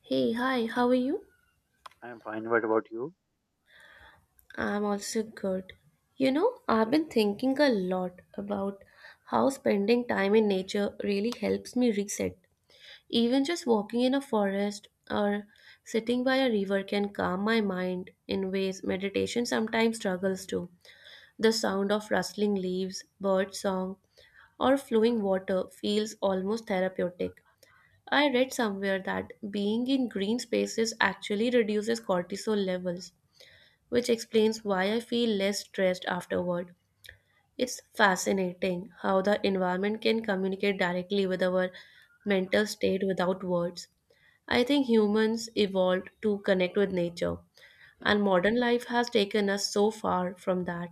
Hey, hi, how are you? I'm fine. What about you? I'm also good. You know, I've been thinking a lot about how spending time in nature really helps me reset. Even just walking in a forest or sitting by a river can calm my mind in ways meditation sometimes struggles to. The sound of rustling leaves, bird song, or flowing water feels almost therapeutic. I read somewhere that being in green spaces actually reduces cortisol levels, which explains why I feel less stressed afterward. It's fascinating how the environment can communicate directly with our mental state without words. I think humans evolved to connect with nature, and modern life has taken us so far from that.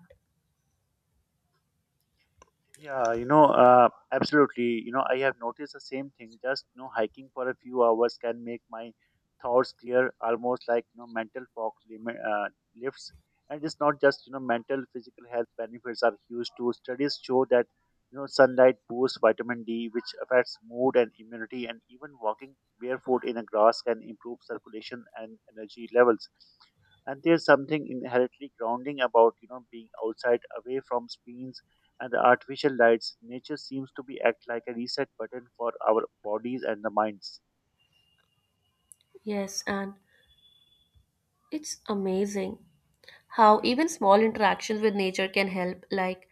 Yeah, you know, absolutely. I have noticed the same thing. Just hiking for a few hours can make my thoughts clear, almost like mental fog lifts. And it's not just mental, physical health benefits are huge too. Studies show that sunlight boosts vitamin D, which affects mood and immunity. And even walking barefoot in the grass can improve circulation and energy levels. And there's something inherently grounding about being outside away from screens and the artificial lights. Nature seems to be act like a reset button for our bodies and the minds. Yes, and it's amazing how even small interactions with nature can help, like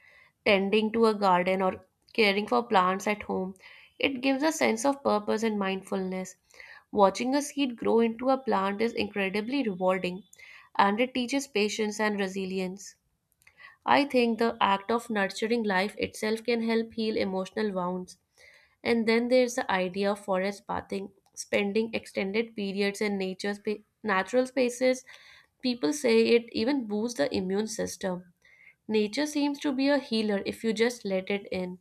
tending to a garden or caring for plants at home. It gives a sense of purpose and mindfulness. Watching a seed grow into a plant is incredibly rewarding, and it teaches patience and resilience. I think the act of nurturing life itself can help heal emotional wounds. And then there's the idea of forest bathing, spending extended periods in natural spaces. People say it even boosts the immune system. Nature seems to be a healer if you just let it in.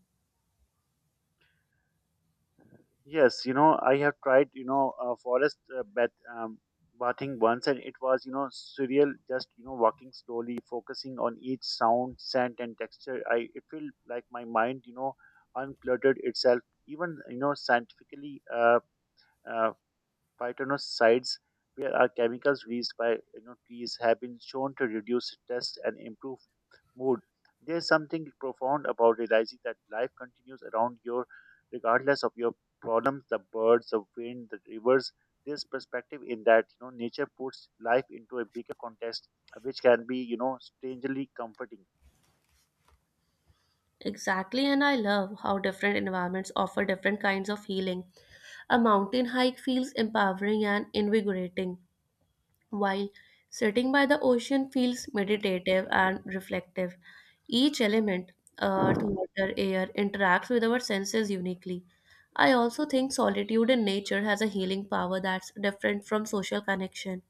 Yes, I have tried forest bath bathing once, and it was surreal. Just walking slowly, focusing on each sound, scent and texture, I it felt like my mind uncluttered itself. Even scientifically, uh, phytonosides, where are chemicals released by trees, have been shown to reduce stress and improve mood. There's something profound about realizing that life continues around you, regardless of your problems, the birds, the wind, the rivers. This perspective in that nature puts life into a bigger context, which can be strangely comforting. Exactly, and I love how different environments offer different kinds of healing. A mountain hike feels empowering and invigorating, while sitting by the ocean feels meditative and reflective. Each element, earth, water, air, interacts with our senses uniquely. I also think solitude in nature has a healing power that's different from social connection.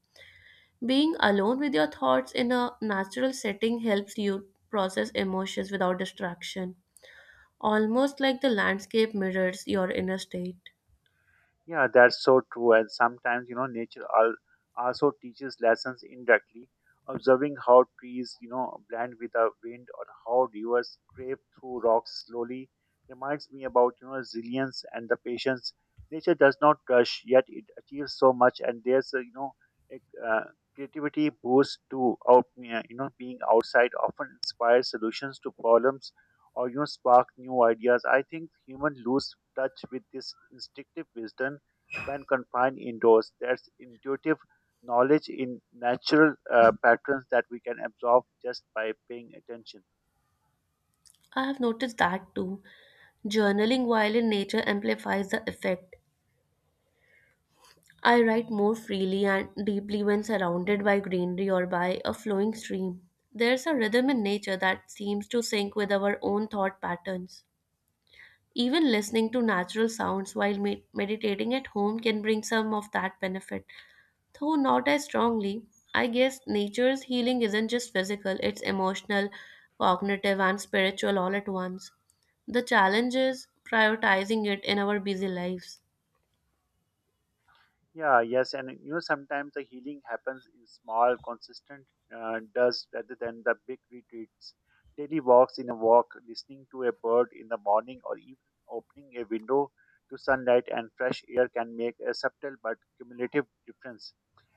Being alone with your thoughts in a natural setting helps you process emotions without distraction, almost like the landscape mirrors your inner state. Yeah, that's so true. And sometimes, you know, nature also teaches lessons indirectly. Observing how trees, you know, blend with the wind, or how rivers scrape through rocks slowly reminds me about, you know, resilience and the patience. Nature does not rush, yet it achieves so much. And there's, a, you know, a uh, creativity boost to being outside. Often inspires solutions to problems or spark new ideas. I think humans lose touch with this instinctive wisdom when confined indoors. There's intuitive knowledge in natural patterns that we can absorb just by paying attention. I have noticed that too. Journaling while in nature amplifies the effect. I write more freely and deeply when surrounded by greenery or by a flowing stream. There's a rhythm in nature that seems to sync with our own thought patterns. Even listening to natural sounds while meditating at home can bring some of that benefit. Though not as strongly, I guess nature's healing isn't just physical, it's emotional, cognitive, and spiritual all at once. The challenge is prioritizing it in our busy lives. Yeah, yes, and sometimes the healing happens in small, consistent does rather than the big retreats. Daily walks in a walk, listening to a bird in the morning, or even opening a window to sunlight and fresh air can make a subtle but cumulative difference.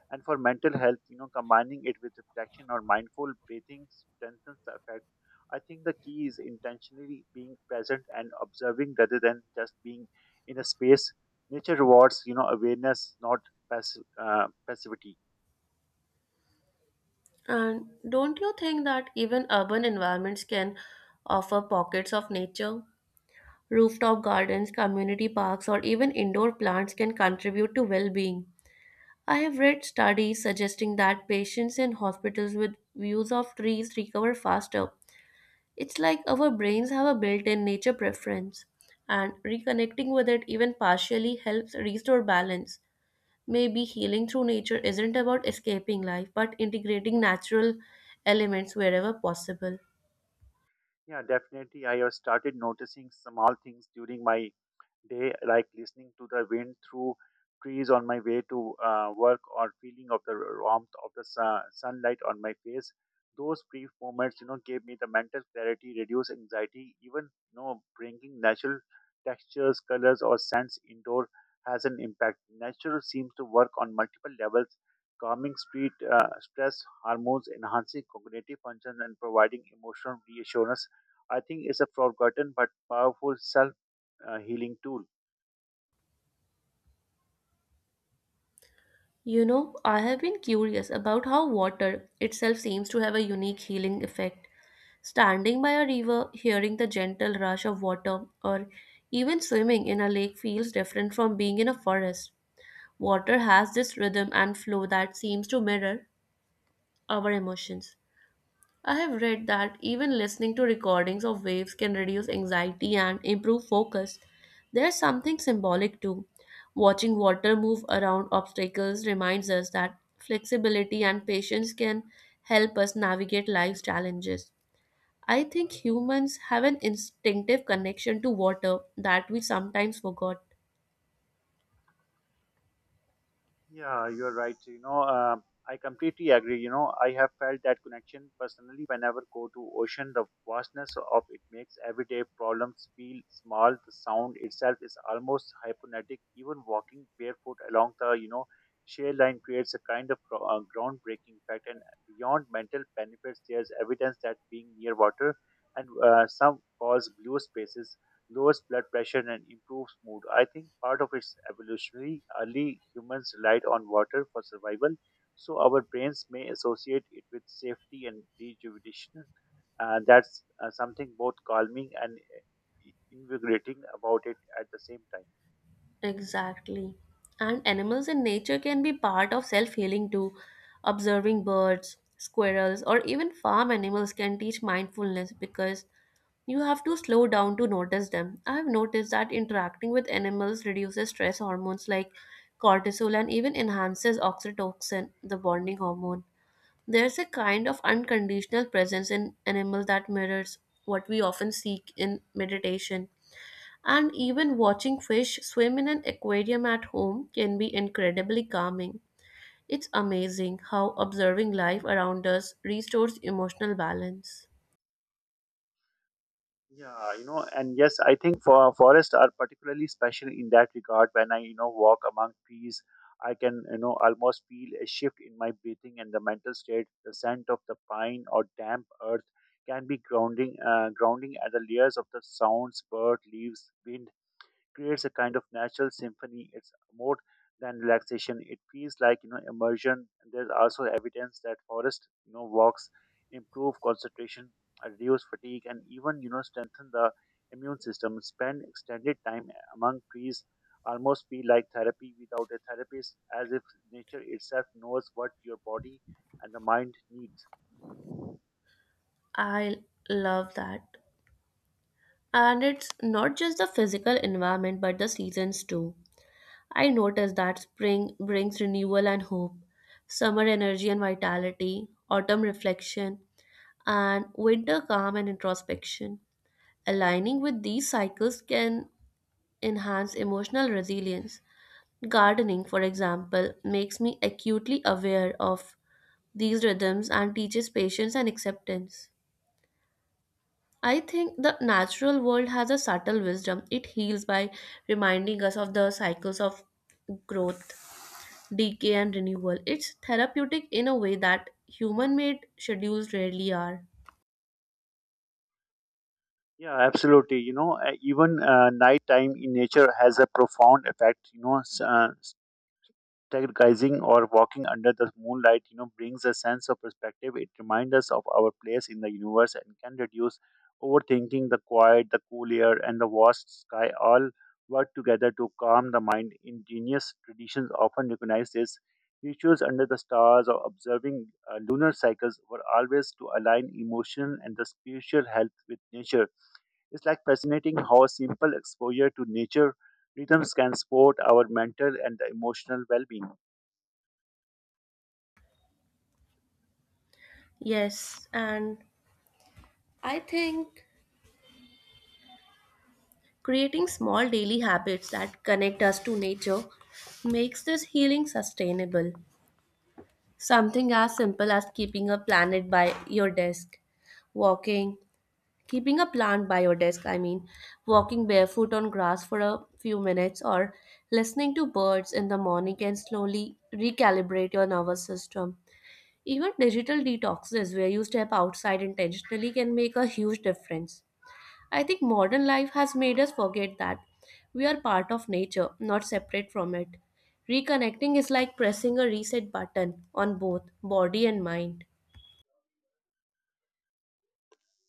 And for mental health, you know, combining it with reflection or mindful breathing strengthens the effect. I think the key is intentionally being present and observing rather than just being in a space. Nature rewards, you know, awareness, not passivity. And don't you think that even urban environments can offer pockets of nature? Rooftop gardens, community parks, or even indoor plants can contribute to well being. I have read studies suggesting that patients in hospitals with views of trees recover faster. It's like our brains have a built in nature preference, and reconnecting with it even partially helps restore balance. Maybe healing through nature isn't about escaping life, but integrating natural elements wherever possible. Yeah, definitely. I have started noticing small things during my day, like listening to the wind through trees on my way to work, or feeling of the warmth of the sun, sunlight on my face. Those brief moments, you know, gave me the mental clarity, reduce anxiety. Even, you know, bringing natural textures, colors, or scents indoor has an impact. Nature seems to work on multiple levels, calming street stress hormones, enhancing cognitive functions, and providing emotional reassurance. I think it's a forgotten but powerful self healing tool. You know, I have been curious about how water itself seems to have a unique healing effect. Standing by a river, hearing the gentle rush of water, or even swimming in a lake feels different from being in a forest. Water has this rhythm and flow that seems to mirror our emotions. I have read that even listening to recordings of waves can reduce anxiety and improve focus. There's something symbolic too. Watching water move around obstacles reminds us that flexibility and patience can help us navigate life's challenges. I think humans have an instinctive connection to water that we sometimes forgot. Yeah, you're right. I completely agree. I have felt that connection personally whenever go to ocean. The vastness of it makes everyday problems feel small. The sound itself is almost hypnotic. Even walking barefoot along the shear line creates a kind of groundbreaking effect. And beyond mental benefits, there's evidence that being near water and some cause blue spaces lowers blood pressure, and improves mood. I think part of its evolutionary, early humans relied on water for survival, so our brains may associate it with safety and rejuvenation. That's something both calming and invigorating about it at the same time. Exactly. And animals in nature can be part of self healing too. Observing birds, squirrels, or even farm animals can teach mindfulness because you have to slow down to notice them. I have noticed that interacting with animals reduces stress hormones like cortisol and even enhances oxytocin, the bonding hormone. There's a kind of unconditional presence in animals that mirrors what we often seek in meditation. And even watching fish swim in an aquarium at home can be incredibly calming. It's amazing how observing life around us restores emotional balance. Yeah, you know, and yes, I think forests are particularly special in that regard. When I, you know, walk among trees, I can, you know, almost feel a shift in my breathing and the mental state. The scent of the pine or damp earth can be grounding, grounding at the layers of the sounds, bird, leaves, wind, creates a kind of natural symphony. It's more than relaxation. It feels like immersion. And there's also evidence that forest walks improve concentration, reduce fatigue, and even strengthen the immune system. Spend extended time among trees almost feel like therapy without a therapist, as if nature itself knows what your body and the mind needs. I love that. And it's not just the physical environment but the seasons too. I notice that spring brings renewal and hope, summer energy and vitality, autumn reflection, and winter calm and introspection. Aligning with these cycles can enhance emotional resilience. Gardening, for example, makes me acutely aware of these rhythms and teaches patience and acceptance. I think the natural world has a subtle wisdom. It heals by reminding us of the cycles of growth, decay, and renewal. It's therapeutic in a way that human made schedules rarely are. Yeah, absolutely. You know, even nighttime in nature has a profound effect. You know, stargazing or walking under the moonlight, you know, brings a sense of perspective. It reminds us of our place in the universe and can reduce overthinking. The quiet, the cool air, and the vast sky all work together to calm the mind. Indigenous traditions often recognize this. Rituals under the stars or observing lunar cycles were always to align emotional and the spiritual health with nature. It's like fascinating how simple exposure to nature rhythms can support our mental and emotional well being. Yes, and I think creating small daily habits that connect us to nature makes this healing sustainable. Something as simple as keeping a planet by your desk, walking, keeping a plant by your desk, I mean, walking barefoot on grass for a few minutes, or listening to birds in the morning can slowly recalibrate your nervous system. Even digital detoxes, where you step outside intentionally, can make a huge difference. I think modern life has made us forget that we are part of nature, not separate from it. Reconnecting is like pressing a reset button on both body and mind.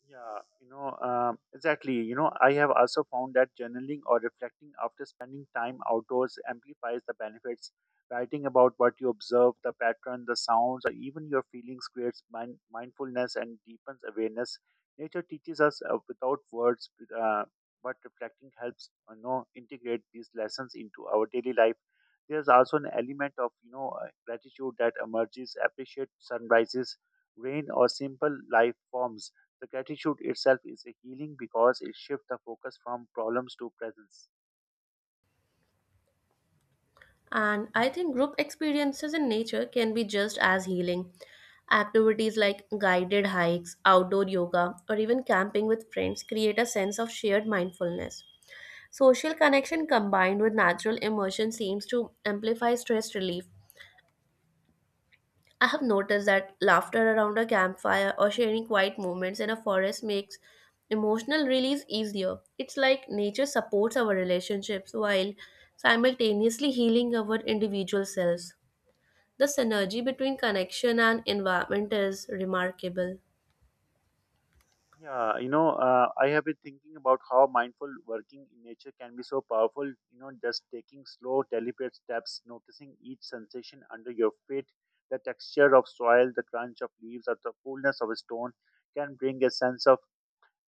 Yeah, you know, exactly. I have also found that journaling or reflecting after spending time outdoors amplifies the benefits. Writing about what you observe, the pattern, the sounds, or even your feelings creates mindfulness and deepens awareness. Nature teaches us without words, uh, but reflecting helps you know integrate these lessons into our daily life. There's also an element of gratitude that emerges. Appreciate sunrises, rain, or simple life forms. The gratitude itself is a healing because it shifts the focus from problems to presence. And I think group experiences in nature can be just as healing. Activities like guided hikes, outdoor yoga, or even camping with friends create a sense of shared mindfulness. Social connection combined with natural immersion seems to amplify stress relief. I have noticed that laughter around a campfire or sharing quiet moments in a forest makes emotional release easier. It's like nature supports our relationships while simultaneously healing our individual selves. The synergy between connection and environment is remarkable. Yeah, you know, I have been thinking about how mindful working in nature can be so powerful. You know, just taking slow, deliberate steps, noticing each sensation under your feet, the texture of soil, the crunch of leaves, or the coolness of a stone can bring a sense of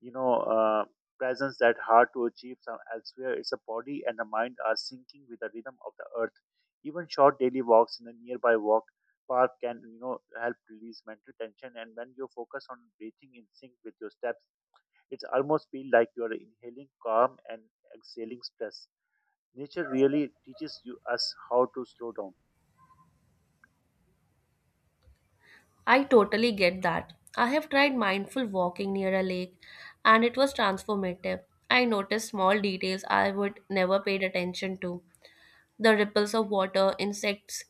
you know uh, presence that hard to achieve some elsewhere. It's a body and the mind are sinking with the rhythm of the earth. Even short daily walks in a nearby walk park can help release mental tension. And when you focus on breathing in sync with your steps, it's almost feel like you are inhaling calm and exhaling stress. Nature really teaches you us how to slow down. I totally get that. I have tried mindful walking near a lake, and it was transformative. I noticed small details I would never paid attention to. The ripples of water, insects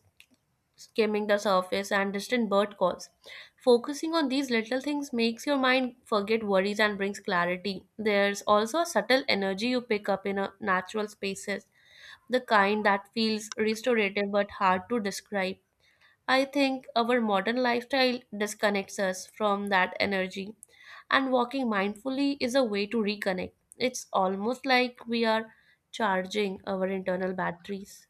skimming the surface, and distant bird calls. Focusing on these little things makes your mind forget worries and brings clarity. There's also a subtle energy you pick up in a natural spaces, the kind that feels restorative but hard to describe. I think our modern lifestyle disconnects us from that energy, and walking mindfully is a way to reconnect. It's almost like we are charging our internal batteries.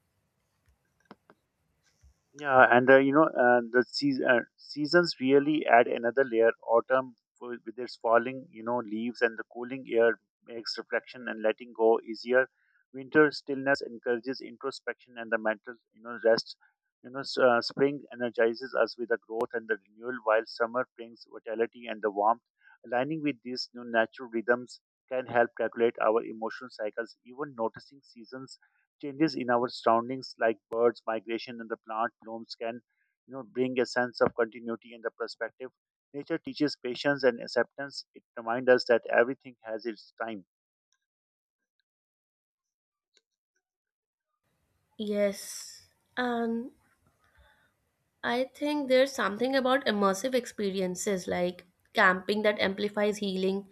Yeah, and the seasons really add another layer. Autumn with its falling, you know, leaves and the cooling air makes reflection and letting go easier. Winter stillness encourages introspection and the mental, you know, rest. You know, spring energizes us with the growth and the renewal, while summer brings vitality and the warmth. Aligning with these new natural rhythms can help regulate our emotional cycles. Even noticing seasons changes in our surroundings like birds migration and the plant blooms can bring a sense of continuity and the perspective. Nature teaches patience and acceptance. It reminds us that everything has its time. Yes, and I think there's something about immersive experiences like camping that amplifies healing,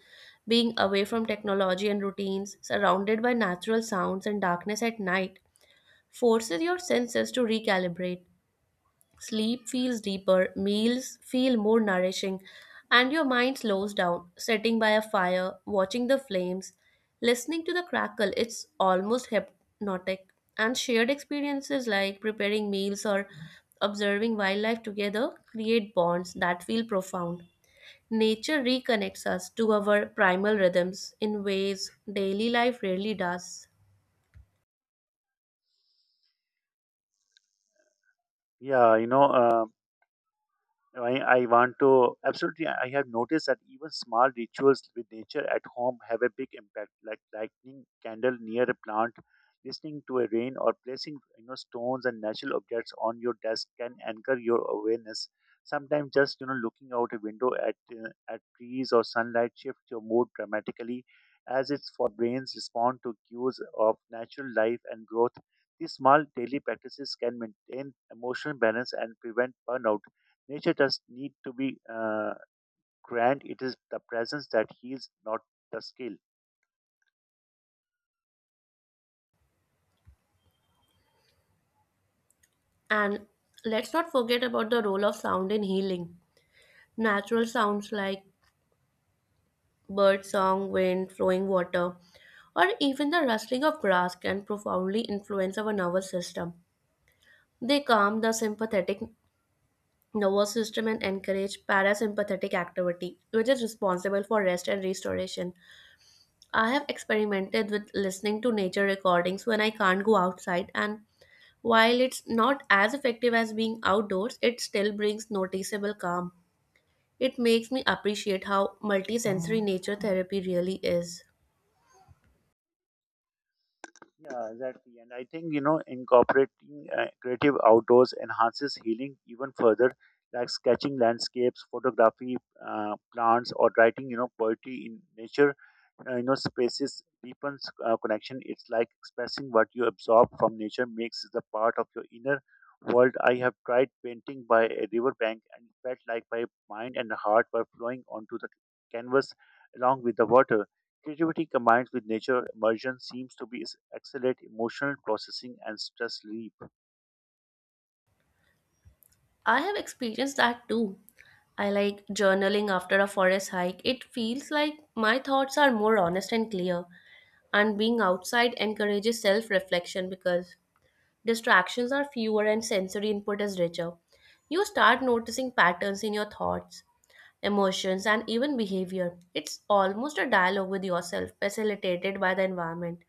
being away from technology and routines, surrounded by natural sounds and darkness at night, forces your senses to recalibrate. Sleep feels deeper, meals feel more nourishing, and your mind slows down. Sitting by a fire, watching the flames, listening to the crackle, it's almost hypnotic. And shared experiences like preparing meals or observing wildlife together create bonds that feel profound. Nature reconnects us to our primal rhythms in ways daily life rarely does. Yeah, you know, I want to absolutely. I have noticed that even small rituals with nature at home have a big impact, like lighting candle near a plant, listening to a rain, or placing stones and natural objects on your desk can anchor your awareness. Sometimes just looking out a window at trees or sunlight shifts your mood dramatically, as its for brains respond to cues of natural life and growth. These small daily practices can maintain emotional balance and prevent burnout. Nature does need to be grand. It is the presence that heals, not the skill. And let's not forget about the role of sound in healing. Natural sounds like bird song, wind, flowing water, or even the rustling of grass can profoundly influence our nervous system. They calm the sympathetic nervous system and encourage parasympathetic activity, which is responsible for rest and restoration. I have experimented with listening to nature recordings when I can't go outside, and while it's not as effective as being outdoors, it still brings noticeable calm. It makes me appreciate how multisensory nature therapy really is. Yeah, exactly. And I think, you know, incorporating creative outdoors enhances healing even further, like sketching landscapes, photography, plants, or writing, you know, poetry in nature. You know, spaces deepens connection. It's like expressing what you absorb from nature makes it the part of your inner world. I have tried painting by a river bank and felt like my mind and heart were flowing onto the canvas along with the water. Creativity combined with nature immersion seems to be accelerate emotional processing and stress relief. I have experienced that too. I like journaling after a forest hike. It feels like my thoughts are more honest and clear, and being outside encourages self reflection because distractions are fewer and sensory input is richer. You start noticing patterns in your thoughts, emotions, and even behavior. It's almost a dialogue with yourself, facilitated by the environment.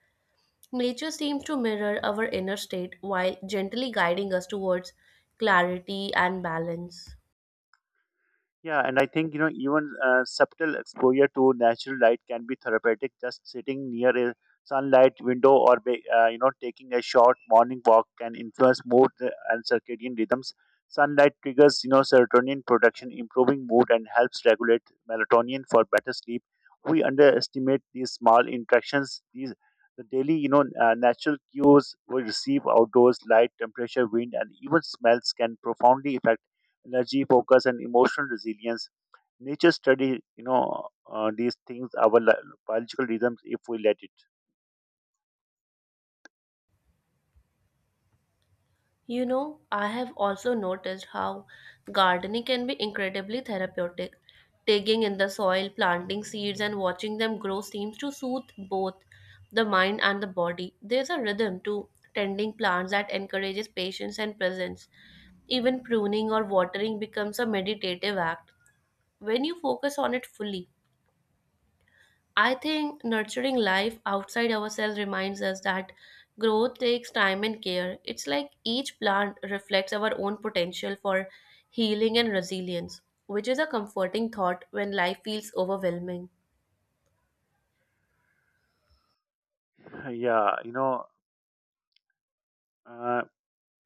Nature seems to mirror our inner state while gently guiding us towards clarity and balance. Yeah, and I think even subtle exposure to natural light can be therapeutic. Just sitting near a sunlight window or you know taking a short morning walk can influence mood and circadian rhythms. Sunlight triggers serotonin production, improving mood and helps regulate melatonin for better sleep. We underestimate these small interactions. These the daily natural cues we receive outdoors, light, temperature, wind, and even smells can profoundly affect energy, focus, and emotional resilience. Nature study, you know, these things, our biological rhythms, if we let it. You know, I have also noticed how gardening can be incredibly therapeutic. Digging in the soil, planting seeds, and watching them grow seems to soothe both the mind and the body. There's a rhythm to tending plants that encourages patience and presence. Even pruning or watering becomes a meditative act when you focus on it fully. I think nurturing life outside ourselves reminds us that growth takes time and care. It's like each plant reflects our own potential for healing and resilience, which is a comforting thought when life feels overwhelming. Yeah, you know. Uh,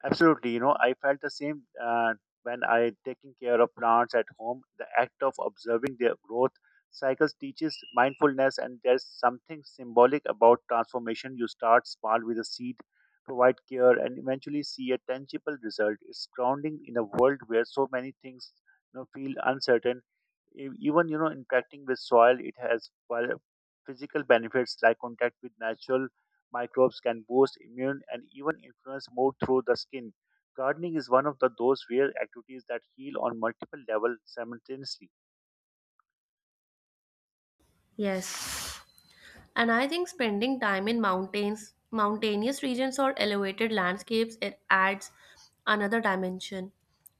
Absolutely, you know, I felt the same when I taking care of plants at home. The act of observing their growth cycles teaches mindfulness, and there's something symbolic about transformation. You start small with a seed, provide care, and eventually see a tangible result. It's grounding in a world where so many things feel uncertain. Even interacting with soil, it has physical benefits like contact with natural microbes can boost immune and even influence mood through the skin. Gardening is one of the those rare activities that heal on multiple levels simultaneously. Yes. And I think spending time in mountainous regions, or elevated landscapes, it adds another dimension.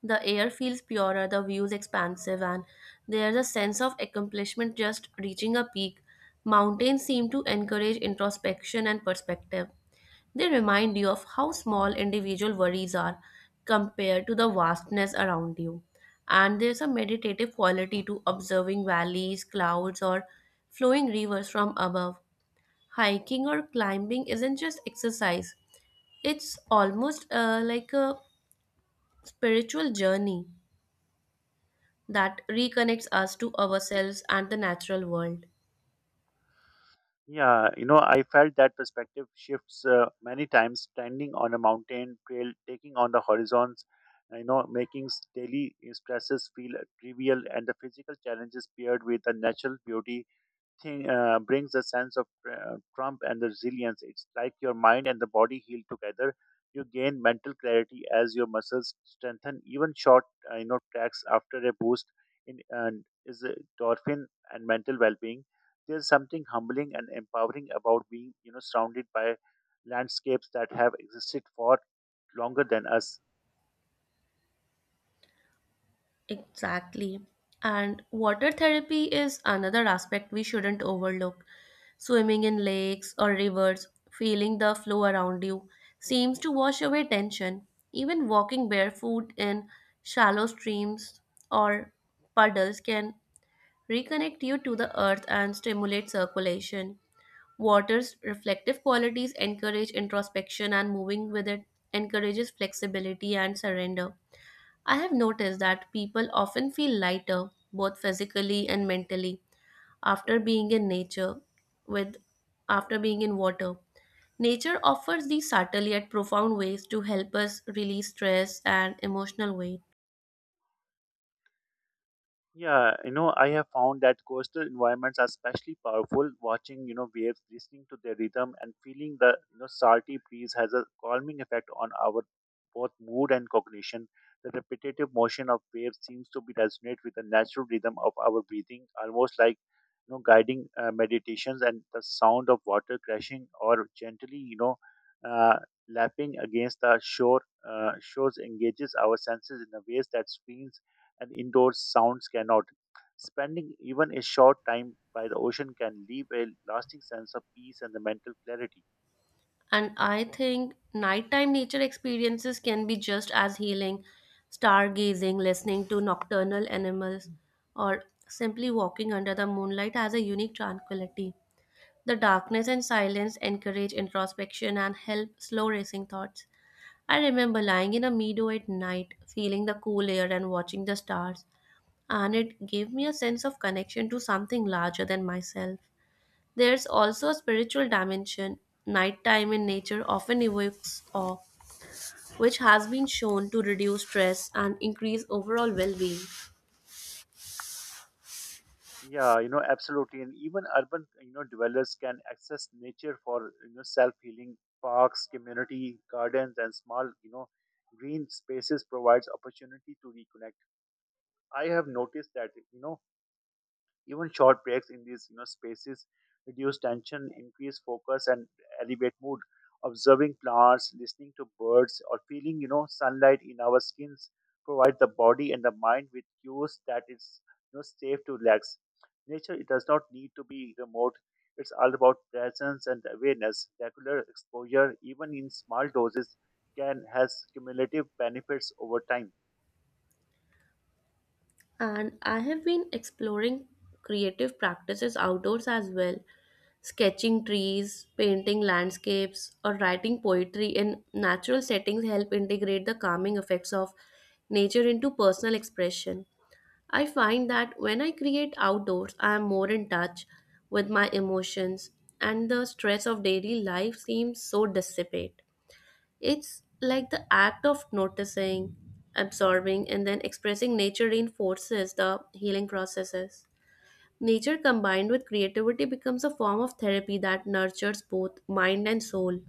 The air feels purer, the views expansive, and there's a sense of accomplishment just reaching a peak. Mountains seem to encourage introspection and perspective. They remind you of how small individual worries are compared to the vastness around you. And there's a meditative quality to observing valleys, clouds, or flowing rivers from above. Hiking or climbing isn't just exercise, it's almost like a spiritual journey that reconnects us to ourselves and the natural world. Yeah, you know, I felt that perspective shifts many times, standing on a mountain trail, taking on the horizons, making daily stresses feel trivial, and the physical challenges paired with the natural beauty thing brings a sense of trump and the resilience. It's like your mind and the body heal together. You gain mental clarity as your muscles strengthen. Even short tracks after a boost in and is a dolphin and mental well-being. There's something humbling and empowering about being surrounded by landscapes that have existed for longer than us. Exactly. And water therapy is another aspect we shouldn't overlook. Swimming in lakes or rivers, feeling the flow around you, seems to wash away tension. Even walking barefoot in shallow streams or puddles can reconnect you to the earth and stimulate circulation. Water's reflective qualities encourage introspection, and moving with it encourages flexibility and surrender. I have noticed that people often feel lighter, both physically and mentally, after being in nature with after being in water. Nature offers these subtle yet profound ways to help us release stress and emotional weight. Yeah, you know, I have found that coastal environments are especially powerful. Watching, waves, listening to their rhythm, and feeling the, salty breeze has a calming effect on our both mood and cognition. The repetitive motion of waves seems to be resonate with the natural rhythm of our breathing, almost like, guiding meditations, and the sound of water crashing or gently, uh, lapping against the shore shows engages our senses in a ways that screens and indoor sounds cannot. Spending even a short time by the ocean can leave a lasting sense of peace and the mental clarity. And I think nighttime nature experiences can be just as healing. Stargazing, listening to nocturnal animals, or simply walking under the moonlight has a unique tranquility. The darkness and silence encourage introspection and help slow racing thoughts. I remember lying in a meadow at night, feeling the cool air and watching the stars, and it gave me a sense of connection to something larger than myself. There's also a spiritual dimension. Nighttime in nature often evokes awe, which has been shown to reduce stress and increase overall well being. Yeah, you know, absolutely. And even urban, dwellers can access nature for, self-healing parks, community gardens, and small, green spaces provides opportunity to reconnect. I have noticed that, even short breaks in these spaces reduce tension, increase focus, and elevate mood. Observing plants, listening to birds, or feeling sunlight in our skins provide the body and the mind with cues that it's safe to relax. Nature it does not need to be remote. It's all about presence and awareness. Regular exposure, even in small doses, can has cumulative benefits over time. And I have been exploring creative practices outdoors as well, sketching trees, painting landscapes, or writing poetry in natural settings help integrate the calming effects of nature into personal expression. I find that when I create outdoors, I am more in touch with my emotions, and the stress of daily life seems so dissipate. It's like the act of noticing, absorbing, and then expressing nature reinforces the healing processes. Nature combined with creativity becomes a form of therapy that nurtures both mind and soul.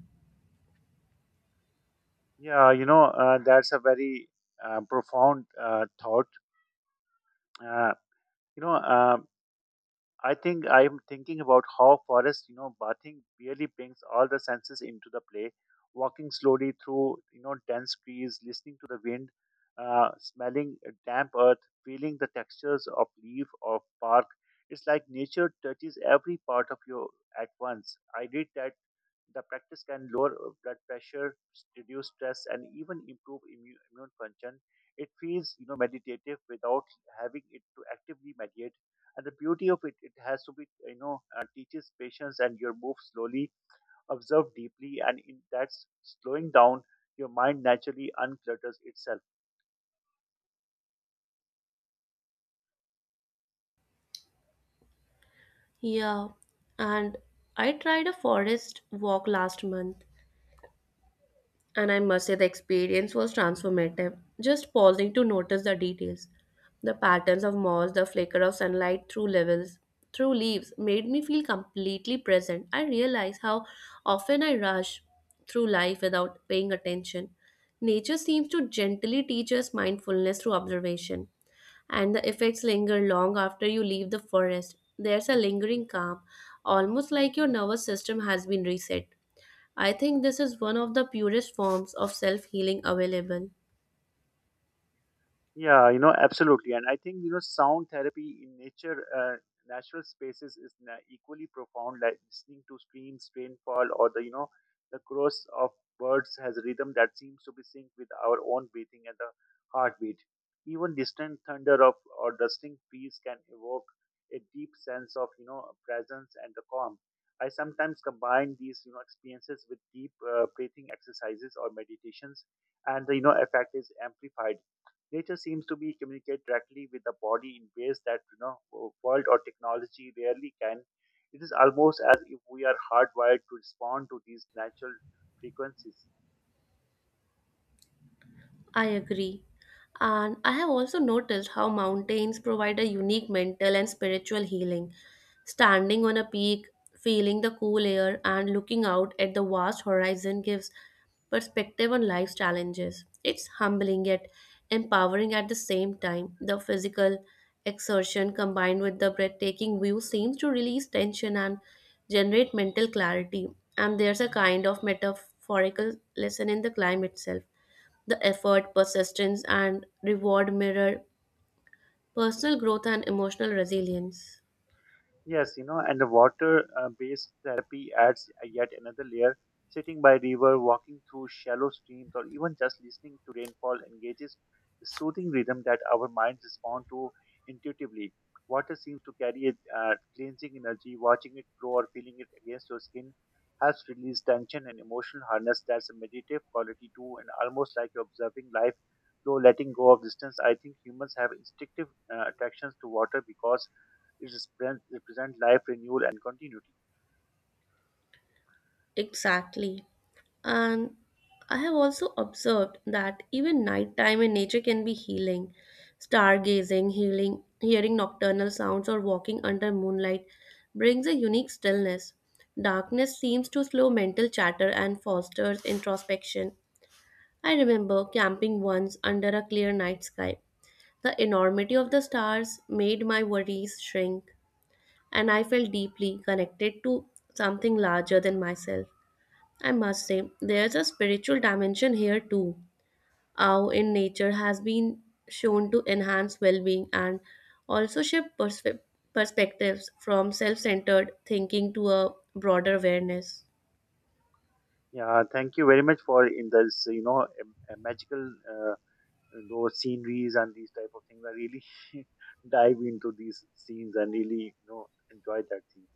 Yeah, you know, that's a very profound thought. Uh, you know, uh, I think I'm thinking about how forest, bathing really brings all the senses into the play. Walking slowly through, dense trees, listening to the wind, smelling damp earth, feeling the textures of leaf or bark. It's like nature touches every part of you at once. I did that the practice can lower blood pressure, reduce stress, and even improve immune function. It feels, meditative without having it to actively mediate. And the beauty of it, it has to be, teaches patience, and your move slowly, observe deeply, and in that slowing down, your mind naturally unclutters itself. Yeah, and I tried a forest walk last month. And I must say, the experience was transformative. Just pausing to notice the details, the patterns of moss, the flicker of sunlight through leaves, made me feel completely present. I realized how often I rush through life without paying attention. Nature seems to gently teach us mindfulness through observation, and the effects linger long after you leave the forest. There's a lingering calm, almost like your nervous system has been reset. I think this is one of the purest forms of self healing available. Yeah, you know, absolutely. And I think, sound therapy in nature, natural spaces is equally profound, like listening to streams, rainfall, or the, the chorus of birds has a rhythm that seems to be synced with our own breathing and the heartbeat. Even distant thunder of or rustling trees can evoke a deep sense of, presence and the calm. I sometimes combine these, experiences with deep breathing exercises or meditations, and the, effect is amplified. Nature seems to be communicate directly with the body in ways that world or technology rarely can. It is almost as if we are hardwired to respond to these natural frequencies. I agree. And I have also noticed how mountains provide a unique mental and spiritual healing. Standing on a peak, feeling the cool air, and looking out at the vast horizon gives perspective on life's challenges. It's humbling yet empowering at the same time. The physical exertion combined with the breathtaking view seems to release tension and generate mental clarity. And there's a kind of metaphorical lesson in the climb itself: the effort, persistence, and reward mirror personal growth and emotional resilience. Yes, you know, and the water based therapy adds yet another layer. Sitting by river, walking through shallow streams, or even just listening to rainfall engages the soothing rhythm that our minds respond to intuitively. Water seems to carry a cleansing energy. Watching it flow or feeling it against your skin helps release tension and emotional harness. That's a meditative quality too, and almost like you're observing life flow, letting go of distance. I think humans have instinctive attractions to water because it represent life renewal and continuity. Exactly. And I have also observed that even nighttime in nature can be healing. Stargazing, healing, hearing nocturnal sounds, or walking under moonlight brings a unique stillness. Darkness seems to slow mental chatter and fosters introspection. I remember camping once under a clear night sky. The enormity of the stars made my worries shrink, and I felt deeply connected to something larger than myself. I must say, there's a spiritual dimension here too. How in nature has been shown to enhance well being and also shift perspectives from self centered thinking to a broader awareness. Yeah, thank you very much for in this magical those sceneries and these type of things. I really dive into these scenes and really enjoy that thing.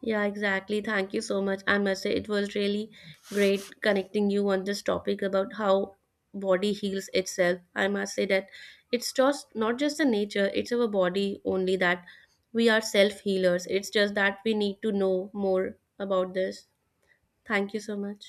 Yeah, exactly. Thank you so much. I must say it was really great connecting you on this topic about how body heals itself. I must say that it's just not just the nature, it's our body only that we are self healers. It's just that we need to know more about this. Thank you so much.